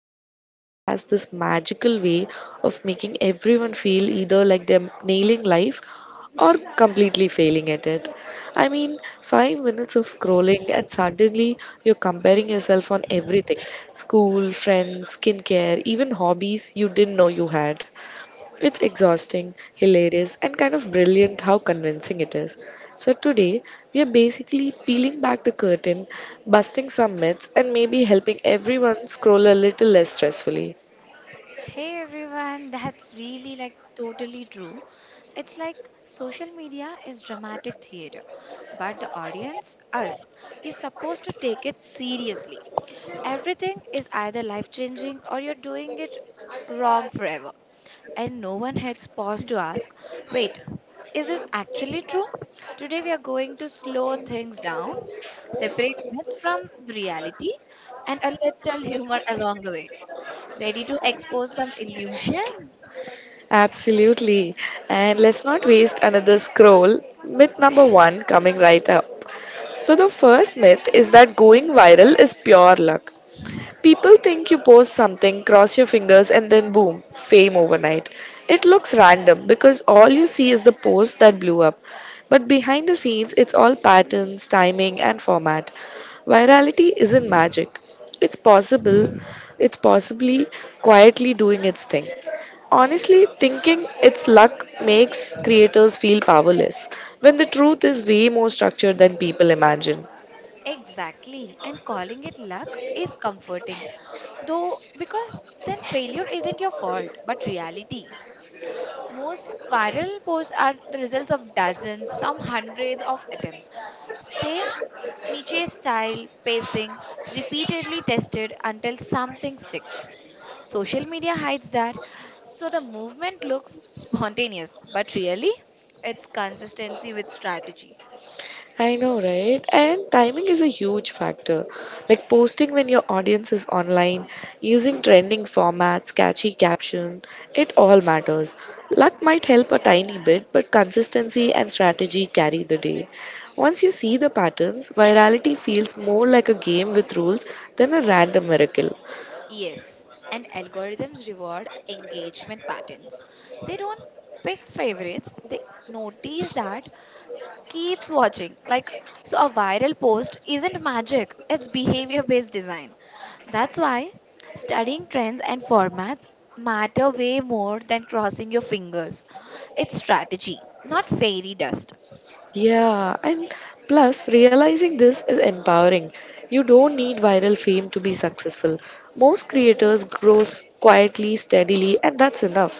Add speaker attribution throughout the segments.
Speaker 1: social media has this magical way of making everyone feel either like they're nailing life or completely failing at it? 5 minutes of scrolling and suddenly you're comparing yourself on everything school, friends, skincare, even hobbies you didn't know you had. It's exhausting, hilarious, and kind of brilliant how convincing it is. Today we are basically peeling back the curtain, busting some myths, and maybe helping everyone scroll a little less stressfully.
Speaker 2: Hey everyone, that's really like totally true. It's like social media is dramatic theater, but the audience, us, is supposed to take it seriously. Everything is either life changing or you're doing it wrong forever. And no one hits pause to ask, wait, is this actually true? Today we are going to slow things down, separate myths from the reality, and a little humor along the way. Ready to expose some illusions?
Speaker 1: Absolutely. And let's not waste another scroll. Myth number one coming right up. So, the first myth is that going viral is pure luck. People think you post something, cross your fingers, and then boom, fame overnight. It looks random because all you see is the post that blew up. But behind the scenes, it's all patterns, timing, and format. Virality isn't magic. It's possible, it's possibly quietly doing its thing. Honestly, thinking it's luck makes creators feel powerless when the truth is way more structured than people imagine.
Speaker 2: Exactly. And calling it luck is comforting. Though, because then failure isn't your fault, but reality. Most viral posts are the results of dozens, some hundreds of attempts. Same niche style, pacing, repeatedly tested until something sticks. Social media hides that, so the movement looks spontaneous, but really, it's consistency with strategy.
Speaker 1: I know, right? And timing is a huge factor. Like posting when your audience is online, using trending formats, catchy caption, it all matters. Luck might help a tiny bit, but consistency and strategy carry the day. Once you see the patterns, virality feels more like a game with rules than a random miracle.
Speaker 2: Yes, and algorithms reward engagement patterns. They don't pick favorites, they notice that keeps watching. Like, so a viral post isn't magic, it's behavior based design. That's why studying trends and formats matter way more than crossing your fingers. It's strategy, not fairy dust.
Speaker 1: Yeah, and plus, realizing this is empowering. You don't need viral fame to be successful. Most creators grow quietly, steadily, and that's enough.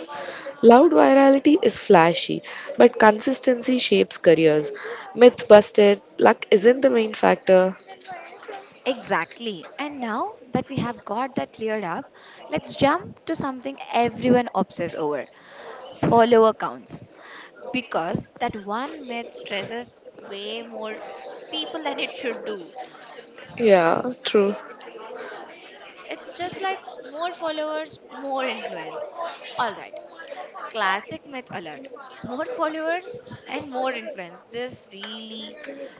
Speaker 1: Loud virality is flashy, but consistency shapes careers. Myth busted, luck isn't the main factor.
Speaker 2: Exactly. And now that we have got that cleared up, let's jump to something everyone obsesses over follower counts because that one myth stresses way more people than it should do.
Speaker 1: Yeah, true.
Speaker 2: It's just like more followers, more influence. All right, classic myth alert. More followers and more influence. This really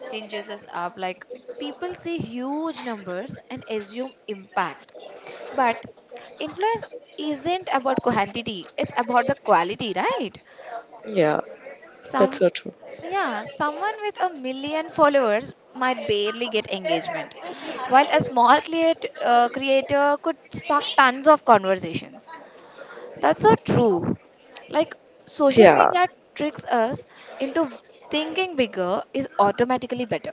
Speaker 2: hinges us up. Like people see huge numbers and assume impact, but influence isn't about quantity. It's about the quality, right?
Speaker 1: Yeah, that's
Speaker 2: Some
Speaker 1: so true.
Speaker 2: Yeah, someone with a million followers might barely get engagement, while a small creator could spark tons of conversations. That's so true. Like, social
Speaker 1: Yeah.
Speaker 2: media tricks us into thinking bigger is automatically better,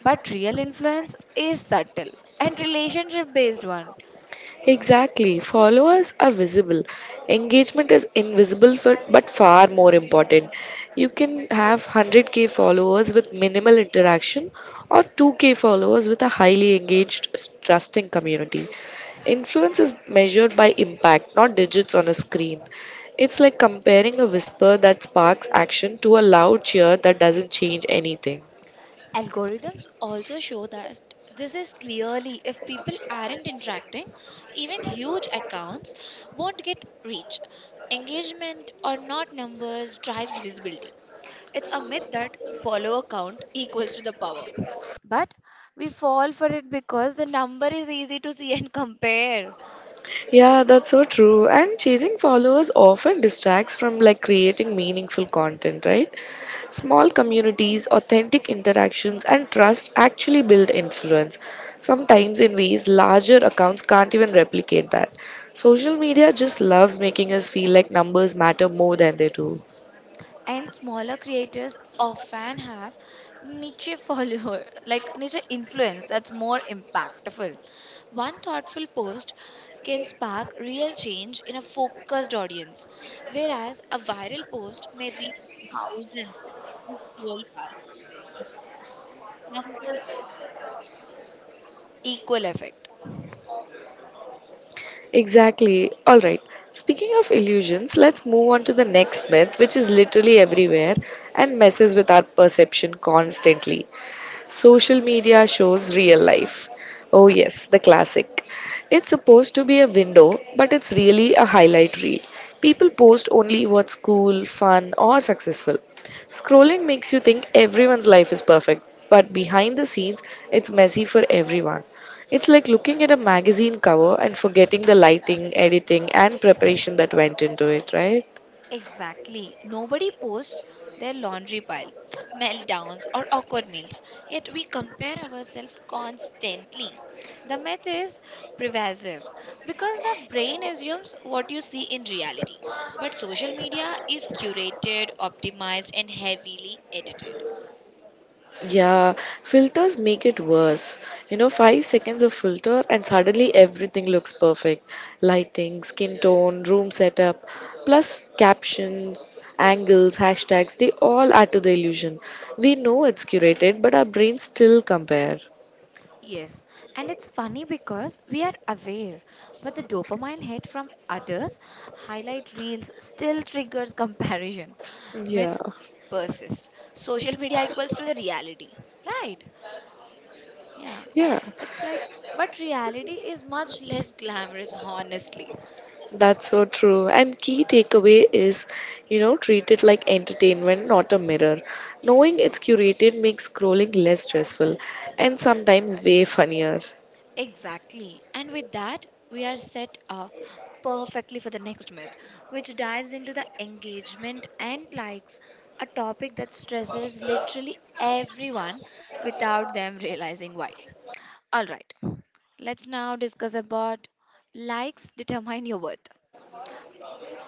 Speaker 2: but real influence is subtle and relationship based one.
Speaker 1: Exactly. Followers are visible. Engagement is invisible for, but far more important. You can have 100k followers with minimal interaction or 2k followers with a highly engaged, trusting community. Influence is measured by impact, not digits on a screen. It's like comparing a whisper that sparks action to a loud cheer that doesn't change anything.
Speaker 2: Algorithms also show that this is clearly if people aren't interacting, even huge accounts won't get reach. Engagement or not numbers drives visibility. It's a myth that follower count equals to the power. But we fall for it because the number is easy to see and compare.
Speaker 1: Yeah, that's so true. And chasing followers often distracts from like creating meaningful content, right? Small communities, authentic interactions, and trust actually build influence, sometimes in ways larger accounts can't even replicate that. Social media just loves making us feel like numbers matter more than they do.
Speaker 2: And smaller creators often have niche follower like niche influence that's more impactful. One thoughtful post can spark real change in a focused audience, whereas a viral post may reach thousands who scroll past. Numbers have equal effect.
Speaker 1: Exactly. All right. Speaking of illusions, let's move on to the next myth, which is literally everywhere and messes with our perception constantly. Social media shows real life. Oh, yes, the classic. It's supposed to be a window, but it's really a highlight reel. People post only what's cool, fun, or successful. Scrolling makes you think everyone's life is perfect, but behind the scenes, it's messy for everyone. It's like looking at a magazine cover and forgetting the lighting, editing, and preparation that went into it, right?
Speaker 2: Exactly. Nobody posts their laundry pile, meltdowns, or awkward meals, yet we compare ourselves constantly. The myth is pervasive because the brain assumes what you see in reality, but social media is curated, optimized, and heavily edited.
Speaker 1: Yeah, filters make it worse. You know, 5 seconds of filter and suddenly everything looks perfect. Lighting, skin tone, room setup, plus captions, angles, hashtags, they all add to the illusion. We know it's curated, but our brains still compare.
Speaker 2: Yes, and it's funny because we are aware, but the dopamine hit from others, highlight reels, still triggers comparison. Myth
Speaker 1: Yeah,
Speaker 2: persists. Social media equals to the reality, right? Yeah,
Speaker 1: yeah,
Speaker 2: it's like, but reality is much less glamorous, honestly.
Speaker 1: that's so true. And key takeaway is, treat it like entertainment, not a mirror. Knowing it's curated makes scrolling less stressful and sometimes way funnier.
Speaker 2: Exactly. And with that, we are set up perfectly for the next myth, which dives into the engagement and likes, a topic that stresses literally everyone without them realizing why. All right, let's now discuss about likes determine your worth.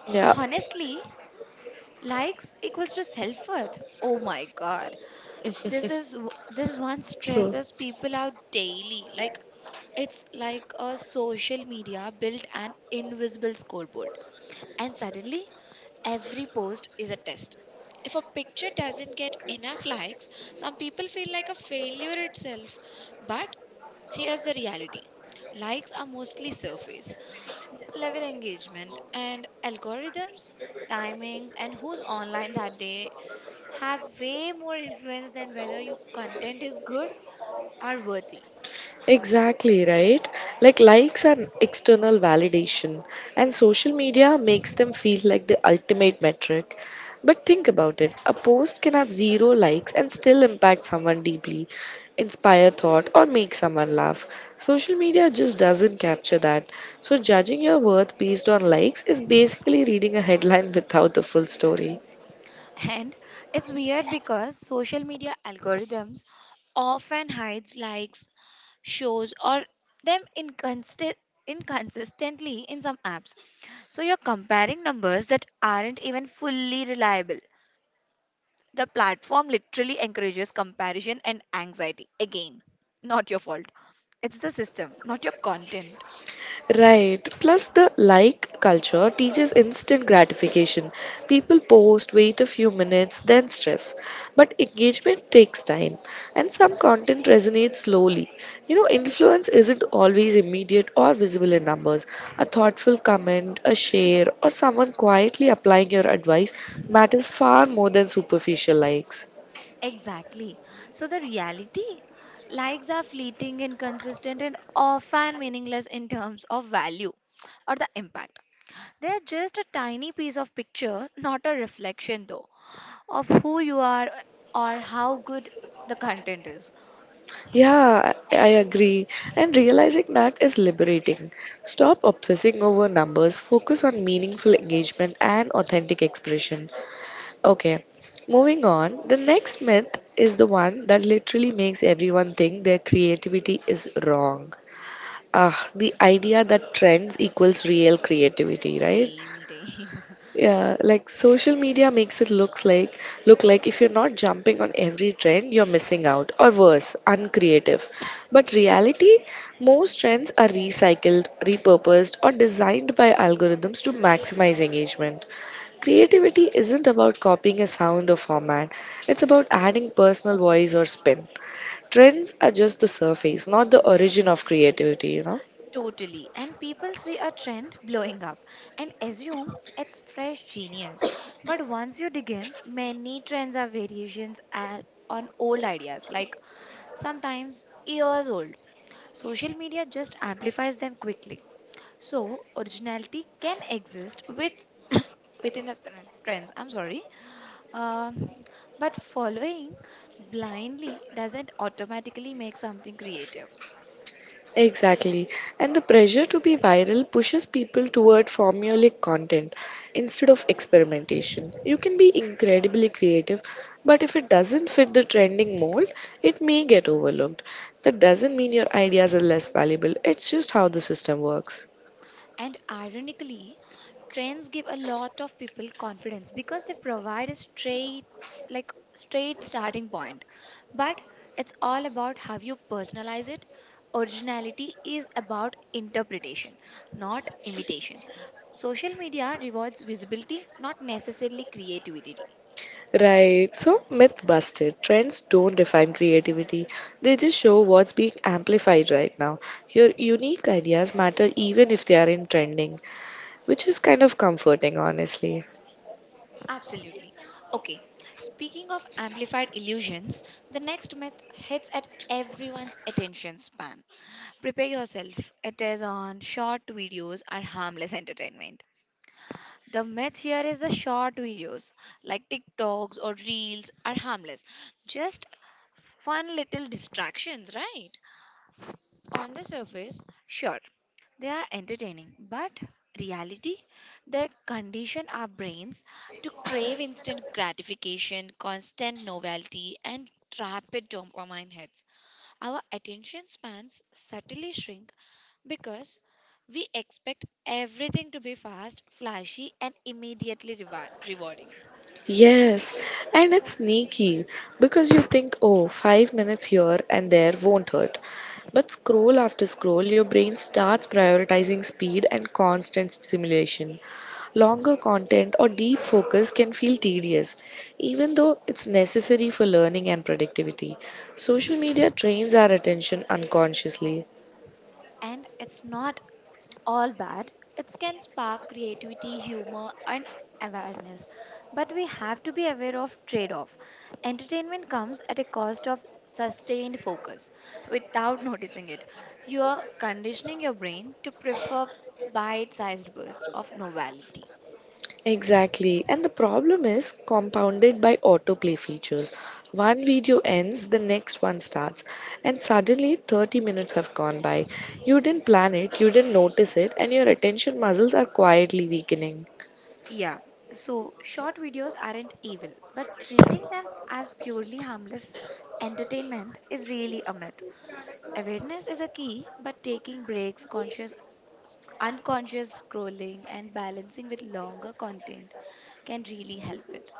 Speaker 1: Yeah,
Speaker 2: Honestly, likes equals to self worth. Oh my god. This one
Speaker 1: true.
Speaker 2: stresses people out daily. Like, it's like a social media built an invisible scoreboard, and suddenly every post is a test. If a picture doesn't get enough likes, some people feel like a failure itself. But here's the reality: likes are mostly surface level engagement, and algorithms, timings, and who's online that day have way more influence than whether your content is good or worthy.
Speaker 1: Exactly, right? Like likes are external validation, and social media makes them feel like the ultimate metric. But think about it a post can have zero likes and still impact someone deeply, inspire thought, or make someone laugh. Social media just doesn't capture that. So, judging your worth based on likes is basically reading a headline without the full story.
Speaker 2: And it's weird because social media algorithms often hides likes, shows or them inconsistently in some apps, so you're comparing numbers that aren't even fully reliable. The platform literally encourages comparison and anxiety. Again, not your fault. It's the system, not your content.
Speaker 1: Right. Plus, the like culture teaches instant gratification. People post, wait a few minutes, then stress. But engagement takes time, and some content resonates slowly. Influence isn't always immediate or visible in numbers. A thoughtful comment, a share, or someone quietly applying your advice matters far more than superficial likes.
Speaker 2: Exactly. So the reality: likes are fleeting, inconsistent, and often meaningless in terms of value or the impact. They are just a tiny piece of picture, not a reflection though, of who you are or how good the content is.
Speaker 1: Yeah, I agree. And realizing that is liberating. Stop obsessing over numbers, focus on meaningful engagement and authentic expression. Okay, moving on. The next myth is the one that literally makes everyone think their creativity is wrong. Ah, the idea that trends equals real creativity, right?
Speaker 2: Damn, damn.
Speaker 1: Yeah, like social media makes it look like if you're not jumping on every trend, you're missing out, or worse, uncreative. But reality, most trends are recycled, repurposed, or designed by algorithms to maximize engagement. Creativity isn't about copying a sound or format; it's about adding personal voice or spin. Trends are just the surface, not the origin of creativity. You know.
Speaker 2: Totally. And people see a trend blowing up and assume it's fresh genius. But once you dig in, many trends are variations at, on old ideas, like sometimes years old. Social media just amplifies them quickly. So, originality can exist with within the trends. I'm sorry, um, but following blindly doesn't automatically make something creative.
Speaker 1: Exactly. And the pressure to be viral pushes people toward formulaic content instead of experimentation. You can be incredibly creative, but if it doesn't fit the trending mold, it may get overlooked. That doesn't mean your ideas are less valuable, it's just how the system works.
Speaker 2: And ironically, trends give a lot of people confidence because they provide a straight like straight starting point. But it's all about how you personalize it. Originality is about interpretation, not imitation. Social media rewards visibility, not necessarily creativity.
Speaker 1: Right, so myth busted. Trends don't define creativity, they just show what's being amplified right now. Your unique ideas matter even if they are in trending, which is kind of comforting, honestly.
Speaker 2: Absolutely. Okay. Speaking of amplified illusions, the next myth hits at everyone's attention span. Prepare yourself. It is on short videos are harmless entertainment. The myth here is the short videos like TikToks or Reels are harmless. Just fun little distractions, right? On the surface, sure, they are entertaining, but reality, they condition our brains to crave instant gratification, constant novelty, and rapid dopamine hits. Our attention spans subtly shrink because we expect everything to be fast, flashy, and immediately rewarding.
Speaker 1: Yes, and it's sneaky because you think, oh, 5 minutes here and there won't hurt. But scroll after scroll, your brain starts prioritizing speed and constant stimulation. Longer content or deep focus can feel tedious, even though it's necessary for learning and productivity. Social media trains our attention unconsciously.
Speaker 2: And it's not all bad. It can spark creativity, humor, and awareness. But we have to be aware of trade off. Entertainment comes at a cost of sustained focus without noticing it. You are conditioning your brain to prefer bite sized bursts of novelty.
Speaker 1: Exactly. And the problem is compounded by autoplay features. One video ends, the next one starts, and suddenly 30 minutes have gone by. You didn't plan it, you didn't notice it, and your attention muscles are quietly weakening.
Speaker 2: Yeah. So, short videos aren't evil, but treating them as purely harmless entertainment is really a myth. Awareness is a key, but taking breaks, conscious unconscious scrolling, and balancing with longer content can really help with.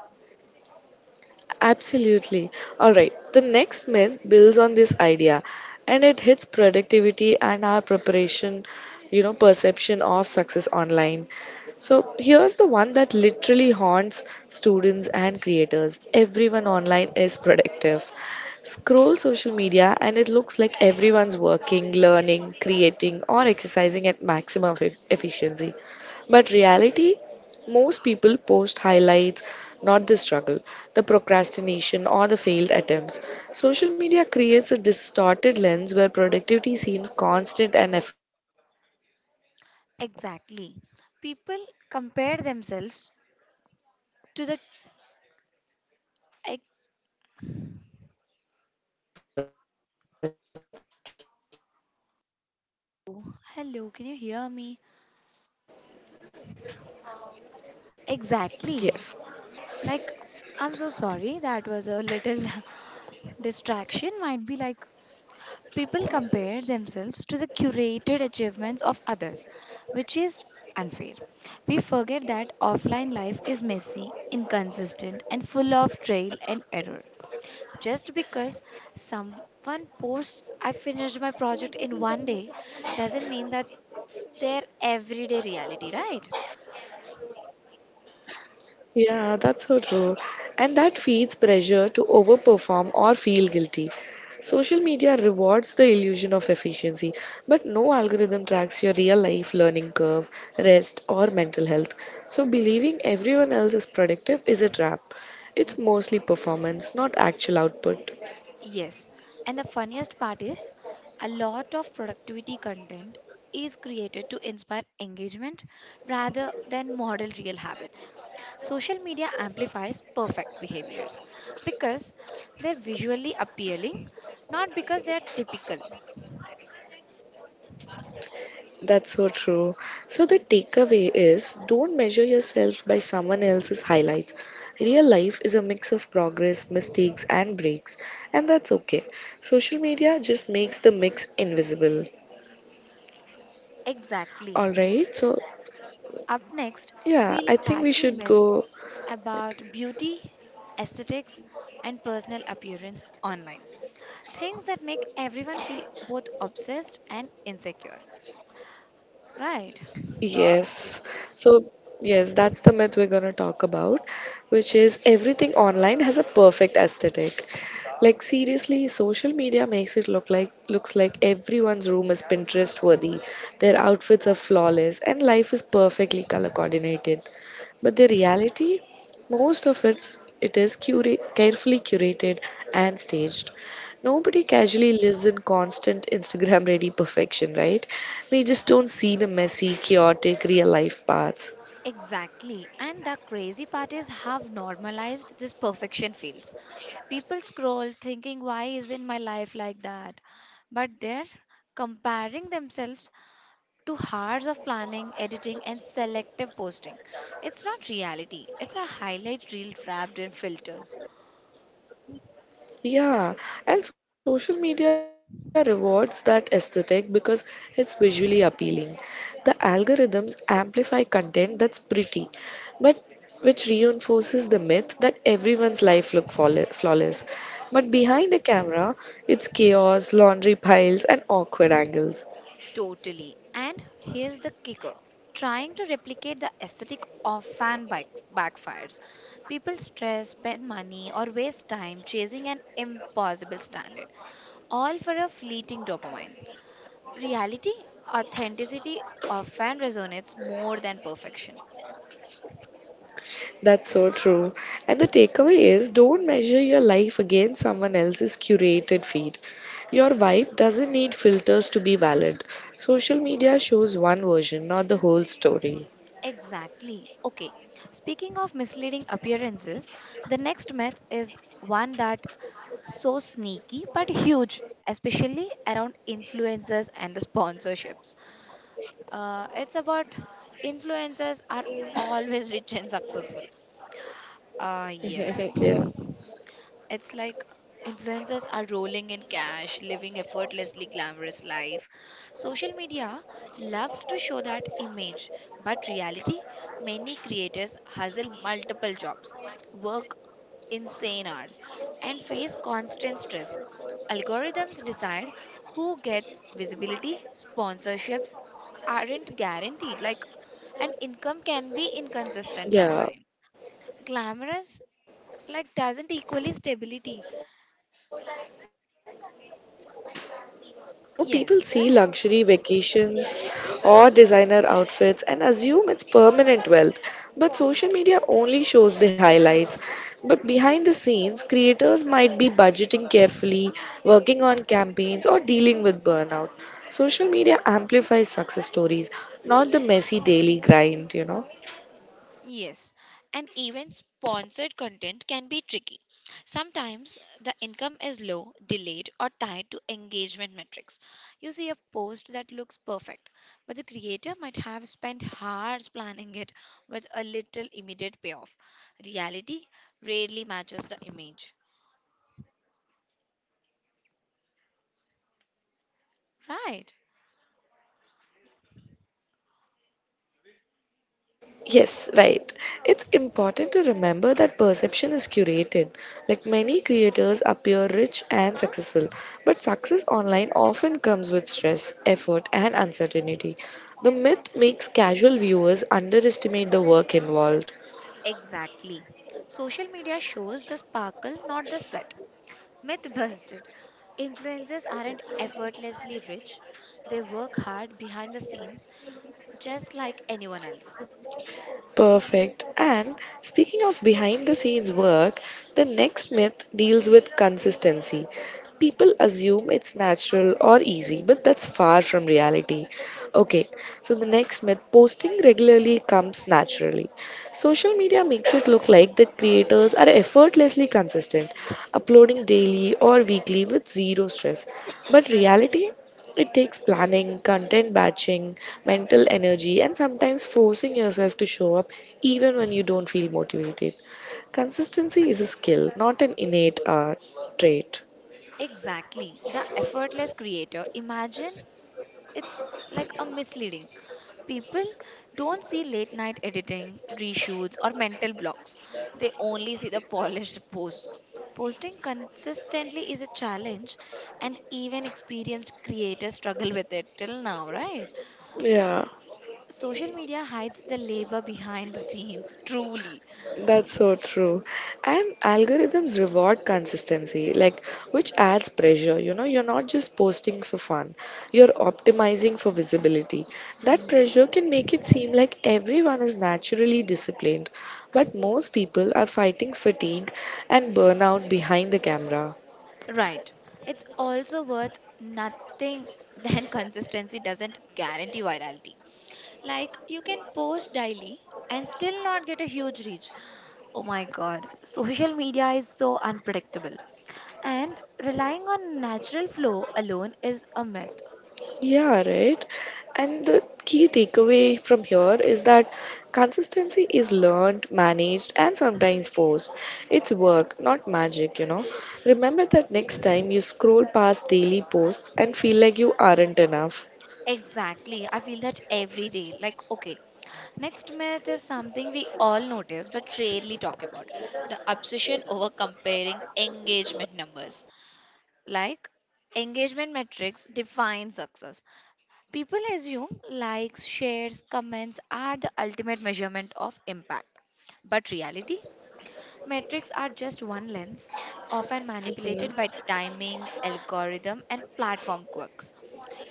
Speaker 1: Absolutely. All right. The next myth builds on this idea and it hits productivity and our preparation, perception of success online. So here's the one that literally haunts students and creators. Everyone online is productive. Scroll social media and it looks like everyone's working, learning, creating, or exercising at maximum efficiency. But reality, most people post highlights, not the struggle, the procrastination, or the failed attempts. Social media creates a distorted lens where productivity seems constant and effortless.
Speaker 2: Exactly. People compare themselves to the like,
Speaker 1: Right, Noor? What do you think about like this?
Speaker 2: oh, hello, can you hear me? Exactly.
Speaker 1: Yes.
Speaker 2: Like I'm so sorry, that was a little distraction might be like. People compare themselves to the curated achievements of others, which is unfair. We forget that offline life is messy, inconsistent, and full of trial and error. Just because someone posts, I finished my project in one day, doesn't mean that's their everyday reality, right?
Speaker 1: Yeah, that's so true. And that feeds pressure to overperform or feel guilty. Social media rewards the illusion of efficiency, but no algorithm tracks your real life learning curve, rest, or mental health. So, believing everyone else is productive is a trap. It's mostly performance, not actual output.
Speaker 2: Yes, and the funniest part is a lot of productivity content is created to inspire engagement rather than model real habits. Social media amplifies perfect behaviors because they're visually appealing, not because they're typical.
Speaker 1: That's so true. So the takeaway is don't measure yourself by someone else's highlights. Real life is a mix of progress, mistakes, and breaks, and that's okay. Social media just makes the mix invisible.
Speaker 2: Exactly.
Speaker 1: All right, so
Speaker 2: Up next,
Speaker 1: yeah,
Speaker 2: we'll
Speaker 1: I think we
Speaker 2: tackle
Speaker 1: should
Speaker 2: myths
Speaker 1: go.
Speaker 2: about beauty, aesthetics, and personal appearance online. Things that make everyone feel both obsessed and insecure, right?
Speaker 1: Yes. So, yes, that's the myth we're going to talk about, which is everything online has a perfect aesthetic. Like seriously, social media makes it look like everyone's room is Pinterest worthy. Their outfits are flawless and life is perfectly color coordinated. But the reality, most of it's it is curate, carefully curated and staged. Nobody casually lives in constant Instagram ready perfection, right? We just don't see the messy, chaotic, real life parts.
Speaker 2: Exactly. And the crazy part is how normalized this perfection feels. People scroll thinking, why isn't my life like that? But they're comparing themselves to hours of planning, editing, and selective posting. It's not reality, it's a highlight reel wrapped in filters.
Speaker 1: Yeah, and social media rewards that aesthetic because it's visually appealing. The algorithms amplify content that's pretty, but which reinforces the myth that everyone's life look flawless. But behind a camera, it's chaos, laundry piles, and awkward angles.
Speaker 2: Totally. And here's the kicker: trying to replicate the aesthetic of fan backfires. People stress, spend money, or waste time chasing an impossible standard, all for a fleeting dopamine. Reality, authenticity, often resonates more than perfection.
Speaker 1: That's so true. And the takeaway is don't measure your life against someone else's curated feed. Your vibe doesn't need filters to be valid. Social media shows one version, not the whole story.
Speaker 2: Exactly. Okay. Speaking of misleading appearances, the next myth is one that so sneaky but huge, especially around influencers and the sponsorships. It's about influencers are always rich and successful. Ah, yes.
Speaker 1: yeah.
Speaker 2: It's like influencers are rolling in cash, living effortlessly glamorous life. Social media loves to show that image, but reality, many creators hustle multiple jobs, work insane hours, and face constant stress. Algorithms decide who gets visibility, sponsorships aren't guaranteed like, and income can be
Speaker 1: Yeah,
Speaker 2: inconsistent sometimes. Glamorous like doesn't equally stability.
Speaker 1: that's true. And people
Speaker 2: Yes,
Speaker 1: see
Speaker 2: right.
Speaker 1: luxury vacations or designer outfits and assume it's permanent wealth. But social media only shows the highlights. But behind the scenes, creators might be budgeting carefully, working on campaigns, or dealing with burnout. Social media amplifies success stories, not the messy daily grind, you know.
Speaker 2: Yes, and even sponsored content can be tricky. Sometimes the income is low, delayed, or tied to engagement metrics. You see a post that looks perfect, but the creator might have spent hours planning it with a little immediate payoff. Reality rarely matches the image. Right.
Speaker 1: Yes, right. It's important to remember that perception is curated. Like many creators appear rich and successful, but success online often comes with stress, effort, and uncertainty. The myth makes casual viewers underestimate the work involved.
Speaker 2: Exactly. Social media shows the sparkle, not the sweat. Myth busted. Influencers aren't effortlessly rich, they work hard behind the scenes just like anyone else.
Speaker 1: Perfect. And speaking of behind the scenes work, the next myth deals with consistency. People assume it's natural or easy, but that's far from reality. Okay, so the next myth posting regularly comes naturally. Social media makes it look like the creators are effortlessly consistent, uploading daily or weekly with zero stress. But reality it takes planning, content batching, mental energy, and sometimes forcing yourself to show up even when you don't feel motivated. Consistency is a skill, not an innate trait.
Speaker 2: Exactly. The effortless creator. Imagine it's like a misleading. People don't see late night editing, reshoots, or mental blocks. They only see the polished post. Posting consistently is a challenge, and even experienced creators struggle with it till now, right?
Speaker 1: Yeah.
Speaker 2: Social media hides the labor behind the scenes, truly.
Speaker 1: That's so true. And algorithms reward consistency, like which adds pressure. You're not just posting for fun, you're optimizing for visibility. That pressure can make it seem like everyone is naturally disciplined, but most people are fighting fatigue and burnout behind the camera.
Speaker 2: Right. It's also worth nothing than consistency doesn't guarantee virality. Like, you can post daily and still not get a huge reach. Oh my god, social media is so unpredictable. And relying on natural flow alone is a myth.
Speaker 1: Yeah, right. And the key takeaway from here is that consistency is learned, managed, and sometimes forced. It's work, not magic. Remember that next time you scroll past daily posts and feel like you aren't enough.
Speaker 2: Exactly. I feel that every day. Like, okay, next myth is something we all notice but rarely talk about the obsession over comparing engagement numbers. Like, engagement metrics define success. People assume likes, shares, comments are the ultimate measurement of impact. But reality, metrics are just one lens, often
Speaker 1: Mhm.
Speaker 2: manipulated by timing, algorithm, and platform quirks.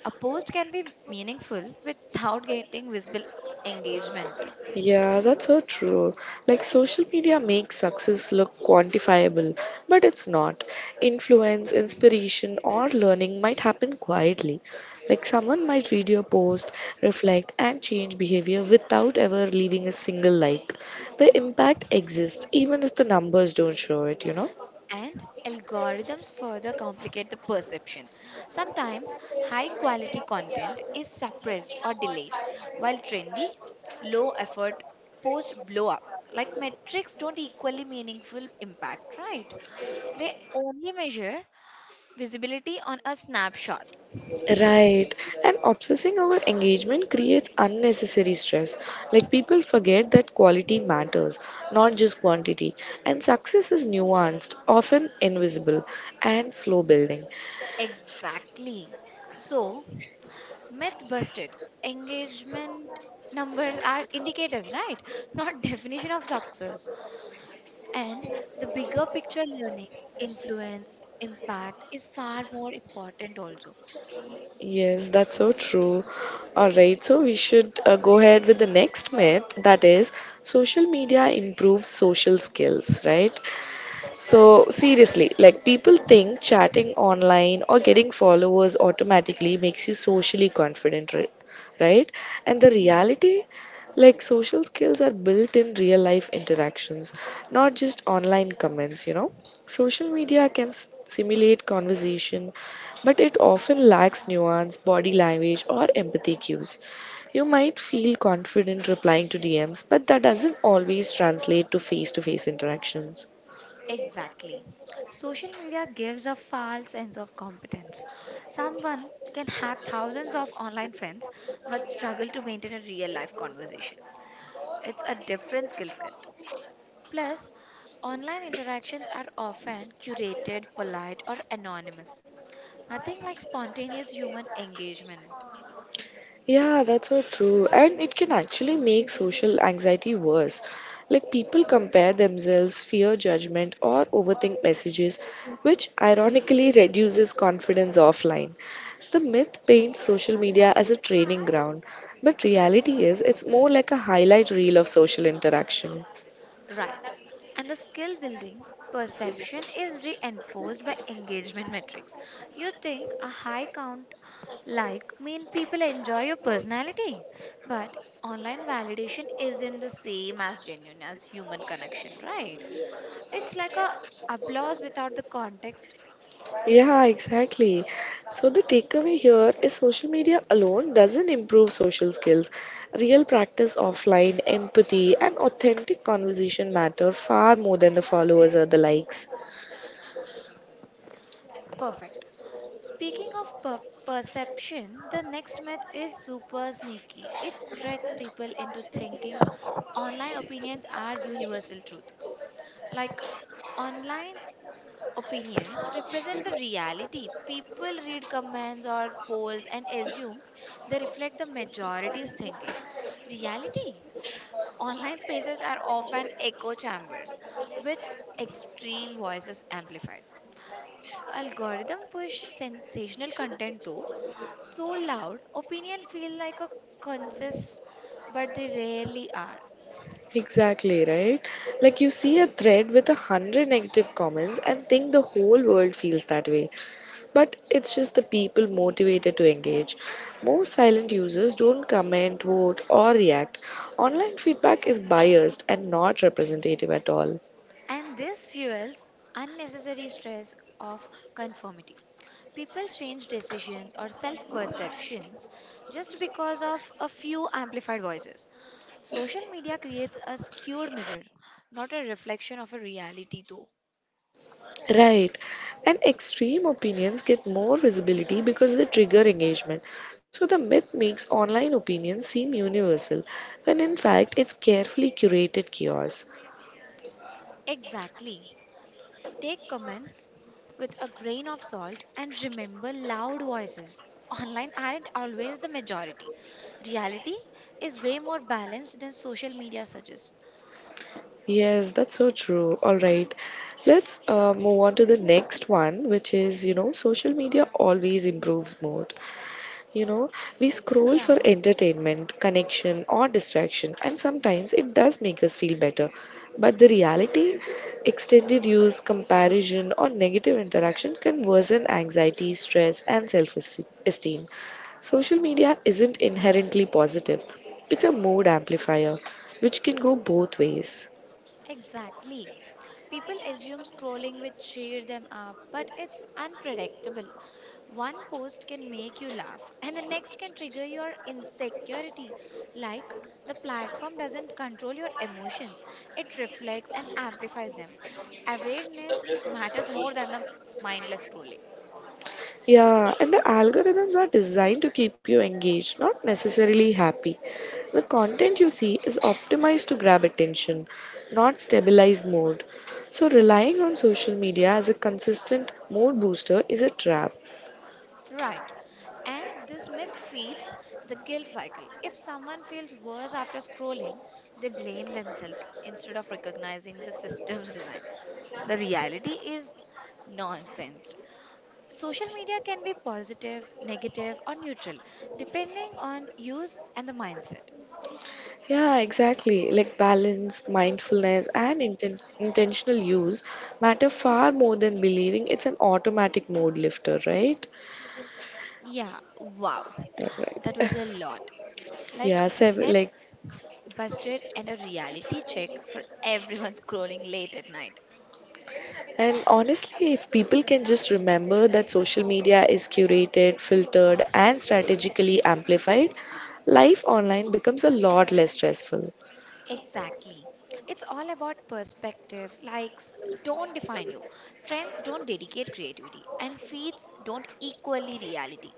Speaker 2: A post can be meaningful without getting visible engagement.
Speaker 1: Yeah, that's so true. Like, social media makes success look quantifiable, but it's not. Influence, inspiration, or learning might happen quietly. Like, someone might read your post, reflect, and change behavior without ever leaving a single like. The impact exists even if the numbers don't show it, you know?
Speaker 2: And algorithms further complicate the perception. Sometimes high quality content is suppressed or delayed, while trendy, low effort post blow up like metrics don't equally meaningful impact, right? They only measure visibility on a snapshot.
Speaker 1: Right. And obsessing over engagement creates unnecessary stress. Like, people forget that quality matters, not just quantity. And success is nuanced, often invisible, and slow building.
Speaker 2: Exactly. So, myth busted. Engagement numbers are indicators, right? Not definition of success. And the bigger picture learning, influence, impact is far more important also.
Speaker 1: Yes, that's so true. All right, so we should go ahead with the next myth, that is social media improves social skills, right? So, seriously, like, people think chatting online or getting followers automatically makes you socially confident, right? And the
Speaker 2: Yes.
Speaker 1: reality, like, social skills are built in real life interactions, not just online comments, you know? Social media can simulate conversation, but it often lacks nuance, body language, or empathy cues. You might feel confident replying to DMs, but that doesn't always translate to face interactions.
Speaker 2: Exactly. Social media gives a false sense of competence. Someone can have thousands of online friends but struggle to maintain a real life conversation. It's a different skill set. Plus, online interactions are often curated, polite, or anonymous. Nothing like spontaneous human engagement.
Speaker 1: Yeah, that's so true. And it can actually make social anxiety worse. Like, people compare themselves, fear judgment, or overthink messages, which ironically reduces confidence offline. The myth paints social media as a training ground, but reality is it's more like a highlight reel of social interaction.
Speaker 2: Right. And the skill building perception is reinforced by engagement metrics. You think a high count like mean people enjoy your personality, but online validation isn't the same as genuine as human connection, right? It's like a applause without the context.
Speaker 1: Yeah, exactly. So the takeaway here is social media alone doesn't improve social skills. Real practice offline, empathy, and authentic conversation matter far more than the followers or the likes.
Speaker 2: Perfect. Speaking of perception, the next myth is super sneaky. It tricks people into thinking online opinions are universal truth. Like online opinions represent the reality. People read comments or polls and assume they reflect the majority's thinking. Reality, online spaces are often echo chambers with extreme voices amplified. Algorithm push sensational content though, so loud opinion feel like a consensus, but they rarely are.
Speaker 1: Exactly, right? Like, you see a thread with 100 negative comments and think the whole world feels that way. But it's just the people motivated to engage. Most silent users don't comment, vote, or react. Online feedback is biased and not representative at all.
Speaker 2: And this fuels unnecessary stress of conformity. People change decisions or self perceptions just because of a few amplified voices. Social media creates a skewed mirror, not a reflection of a reality, though.
Speaker 1: Right. And extreme opinions get more visibility because they trigger engagement. So the myth makes online opinions seem universal, when in fact it's carefully curated chaos.
Speaker 2: Exactly. Take comments with a grain of salt, and remember loud voices online aren't always the majority. Reality is way more balanced than social media suggests.
Speaker 1: Yes, that's so true. All right. Let's move on to the next one, which is, you know, social media always improves mood. You know, we scroll
Speaker 2: Yeah,
Speaker 1: for entertainment, connection, or distraction, and sometimes it does make us feel better. But the reality, extended use, comparison, or negative interaction can worsen anxiety, stress, and self esteem. Social media isn't inherently positive, it's a mood amplifier, which can go both ways.
Speaker 2: exactly. People assume scrolling will cheer them up, but it's unpredictable. One post can make you laugh, and the next can trigger your insecurity. Like the platform doesn't control your emotions, it reflects and amplifies them. Awareness matters more than the mindless scrolling.
Speaker 1: Yeah, and the algorithms are designed to keep you engaged, not necessarily happy. The content you see is optimized to grab attention, not stabilize mood. So, relying on social media as a consistent mood booster is a trap.
Speaker 2: Right. And this myth feeds the guilt cycle. If someone feels worse after scrolling, they blame themselves instead of recognizing the system's design. The reality is nonsense. Social media can be positive, negative, or neutral, depending on use and the mindset.
Speaker 1: Yeah, exactly. Like, balance, mindfulness, and intentional use matter far more than believing it's an automatic mood lifter, right?
Speaker 2: Yeah, wow.
Speaker 1: Alright.
Speaker 2: That was a lot. Like
Speaker 1: Yeah, seven, like.
Speaker 2: myths busted and a reality check for everyone scrolling late at night.
Speaker 1: And honestly, if people can just remember that social media is curated, filtered, and strategically amplified, life online becomes a lot less stressful.
Speaker 2: Exactly. It's all about perspective. Likes don't define you. Trends don't dedicate creativity. And feeds don't equally reality.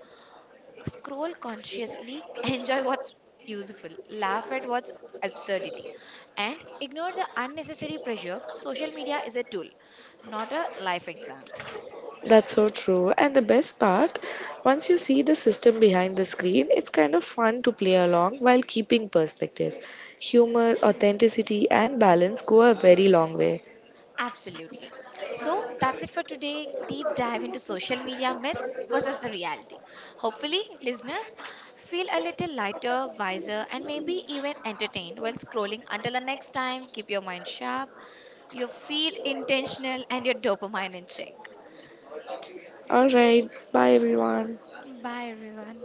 Speaker 2: Scroll consciously, enjoy what's useful, laugh at what's absurdity, and ignore the unnecessary pressure. Social media is a tool, not a life exam.
Speaker 1: That's so true. And the best part, once you see the system behind the screen, it's kind of fun to play along while keeping perspective. Humor, authenticity, and balance go a very long way.
Speaker 2: Absolutely. So that's it for today. Deep dive into social media myths versus the reality. Hopefully, listeners feel a little lighter, wiser, and maybe even entertained while scrolling. Until the next time, keep your mind sharp, your feed intentional, and your dopamine in check.
Speaker 1: Alright, bye everyone.
Speaker 2: Bye, everyone.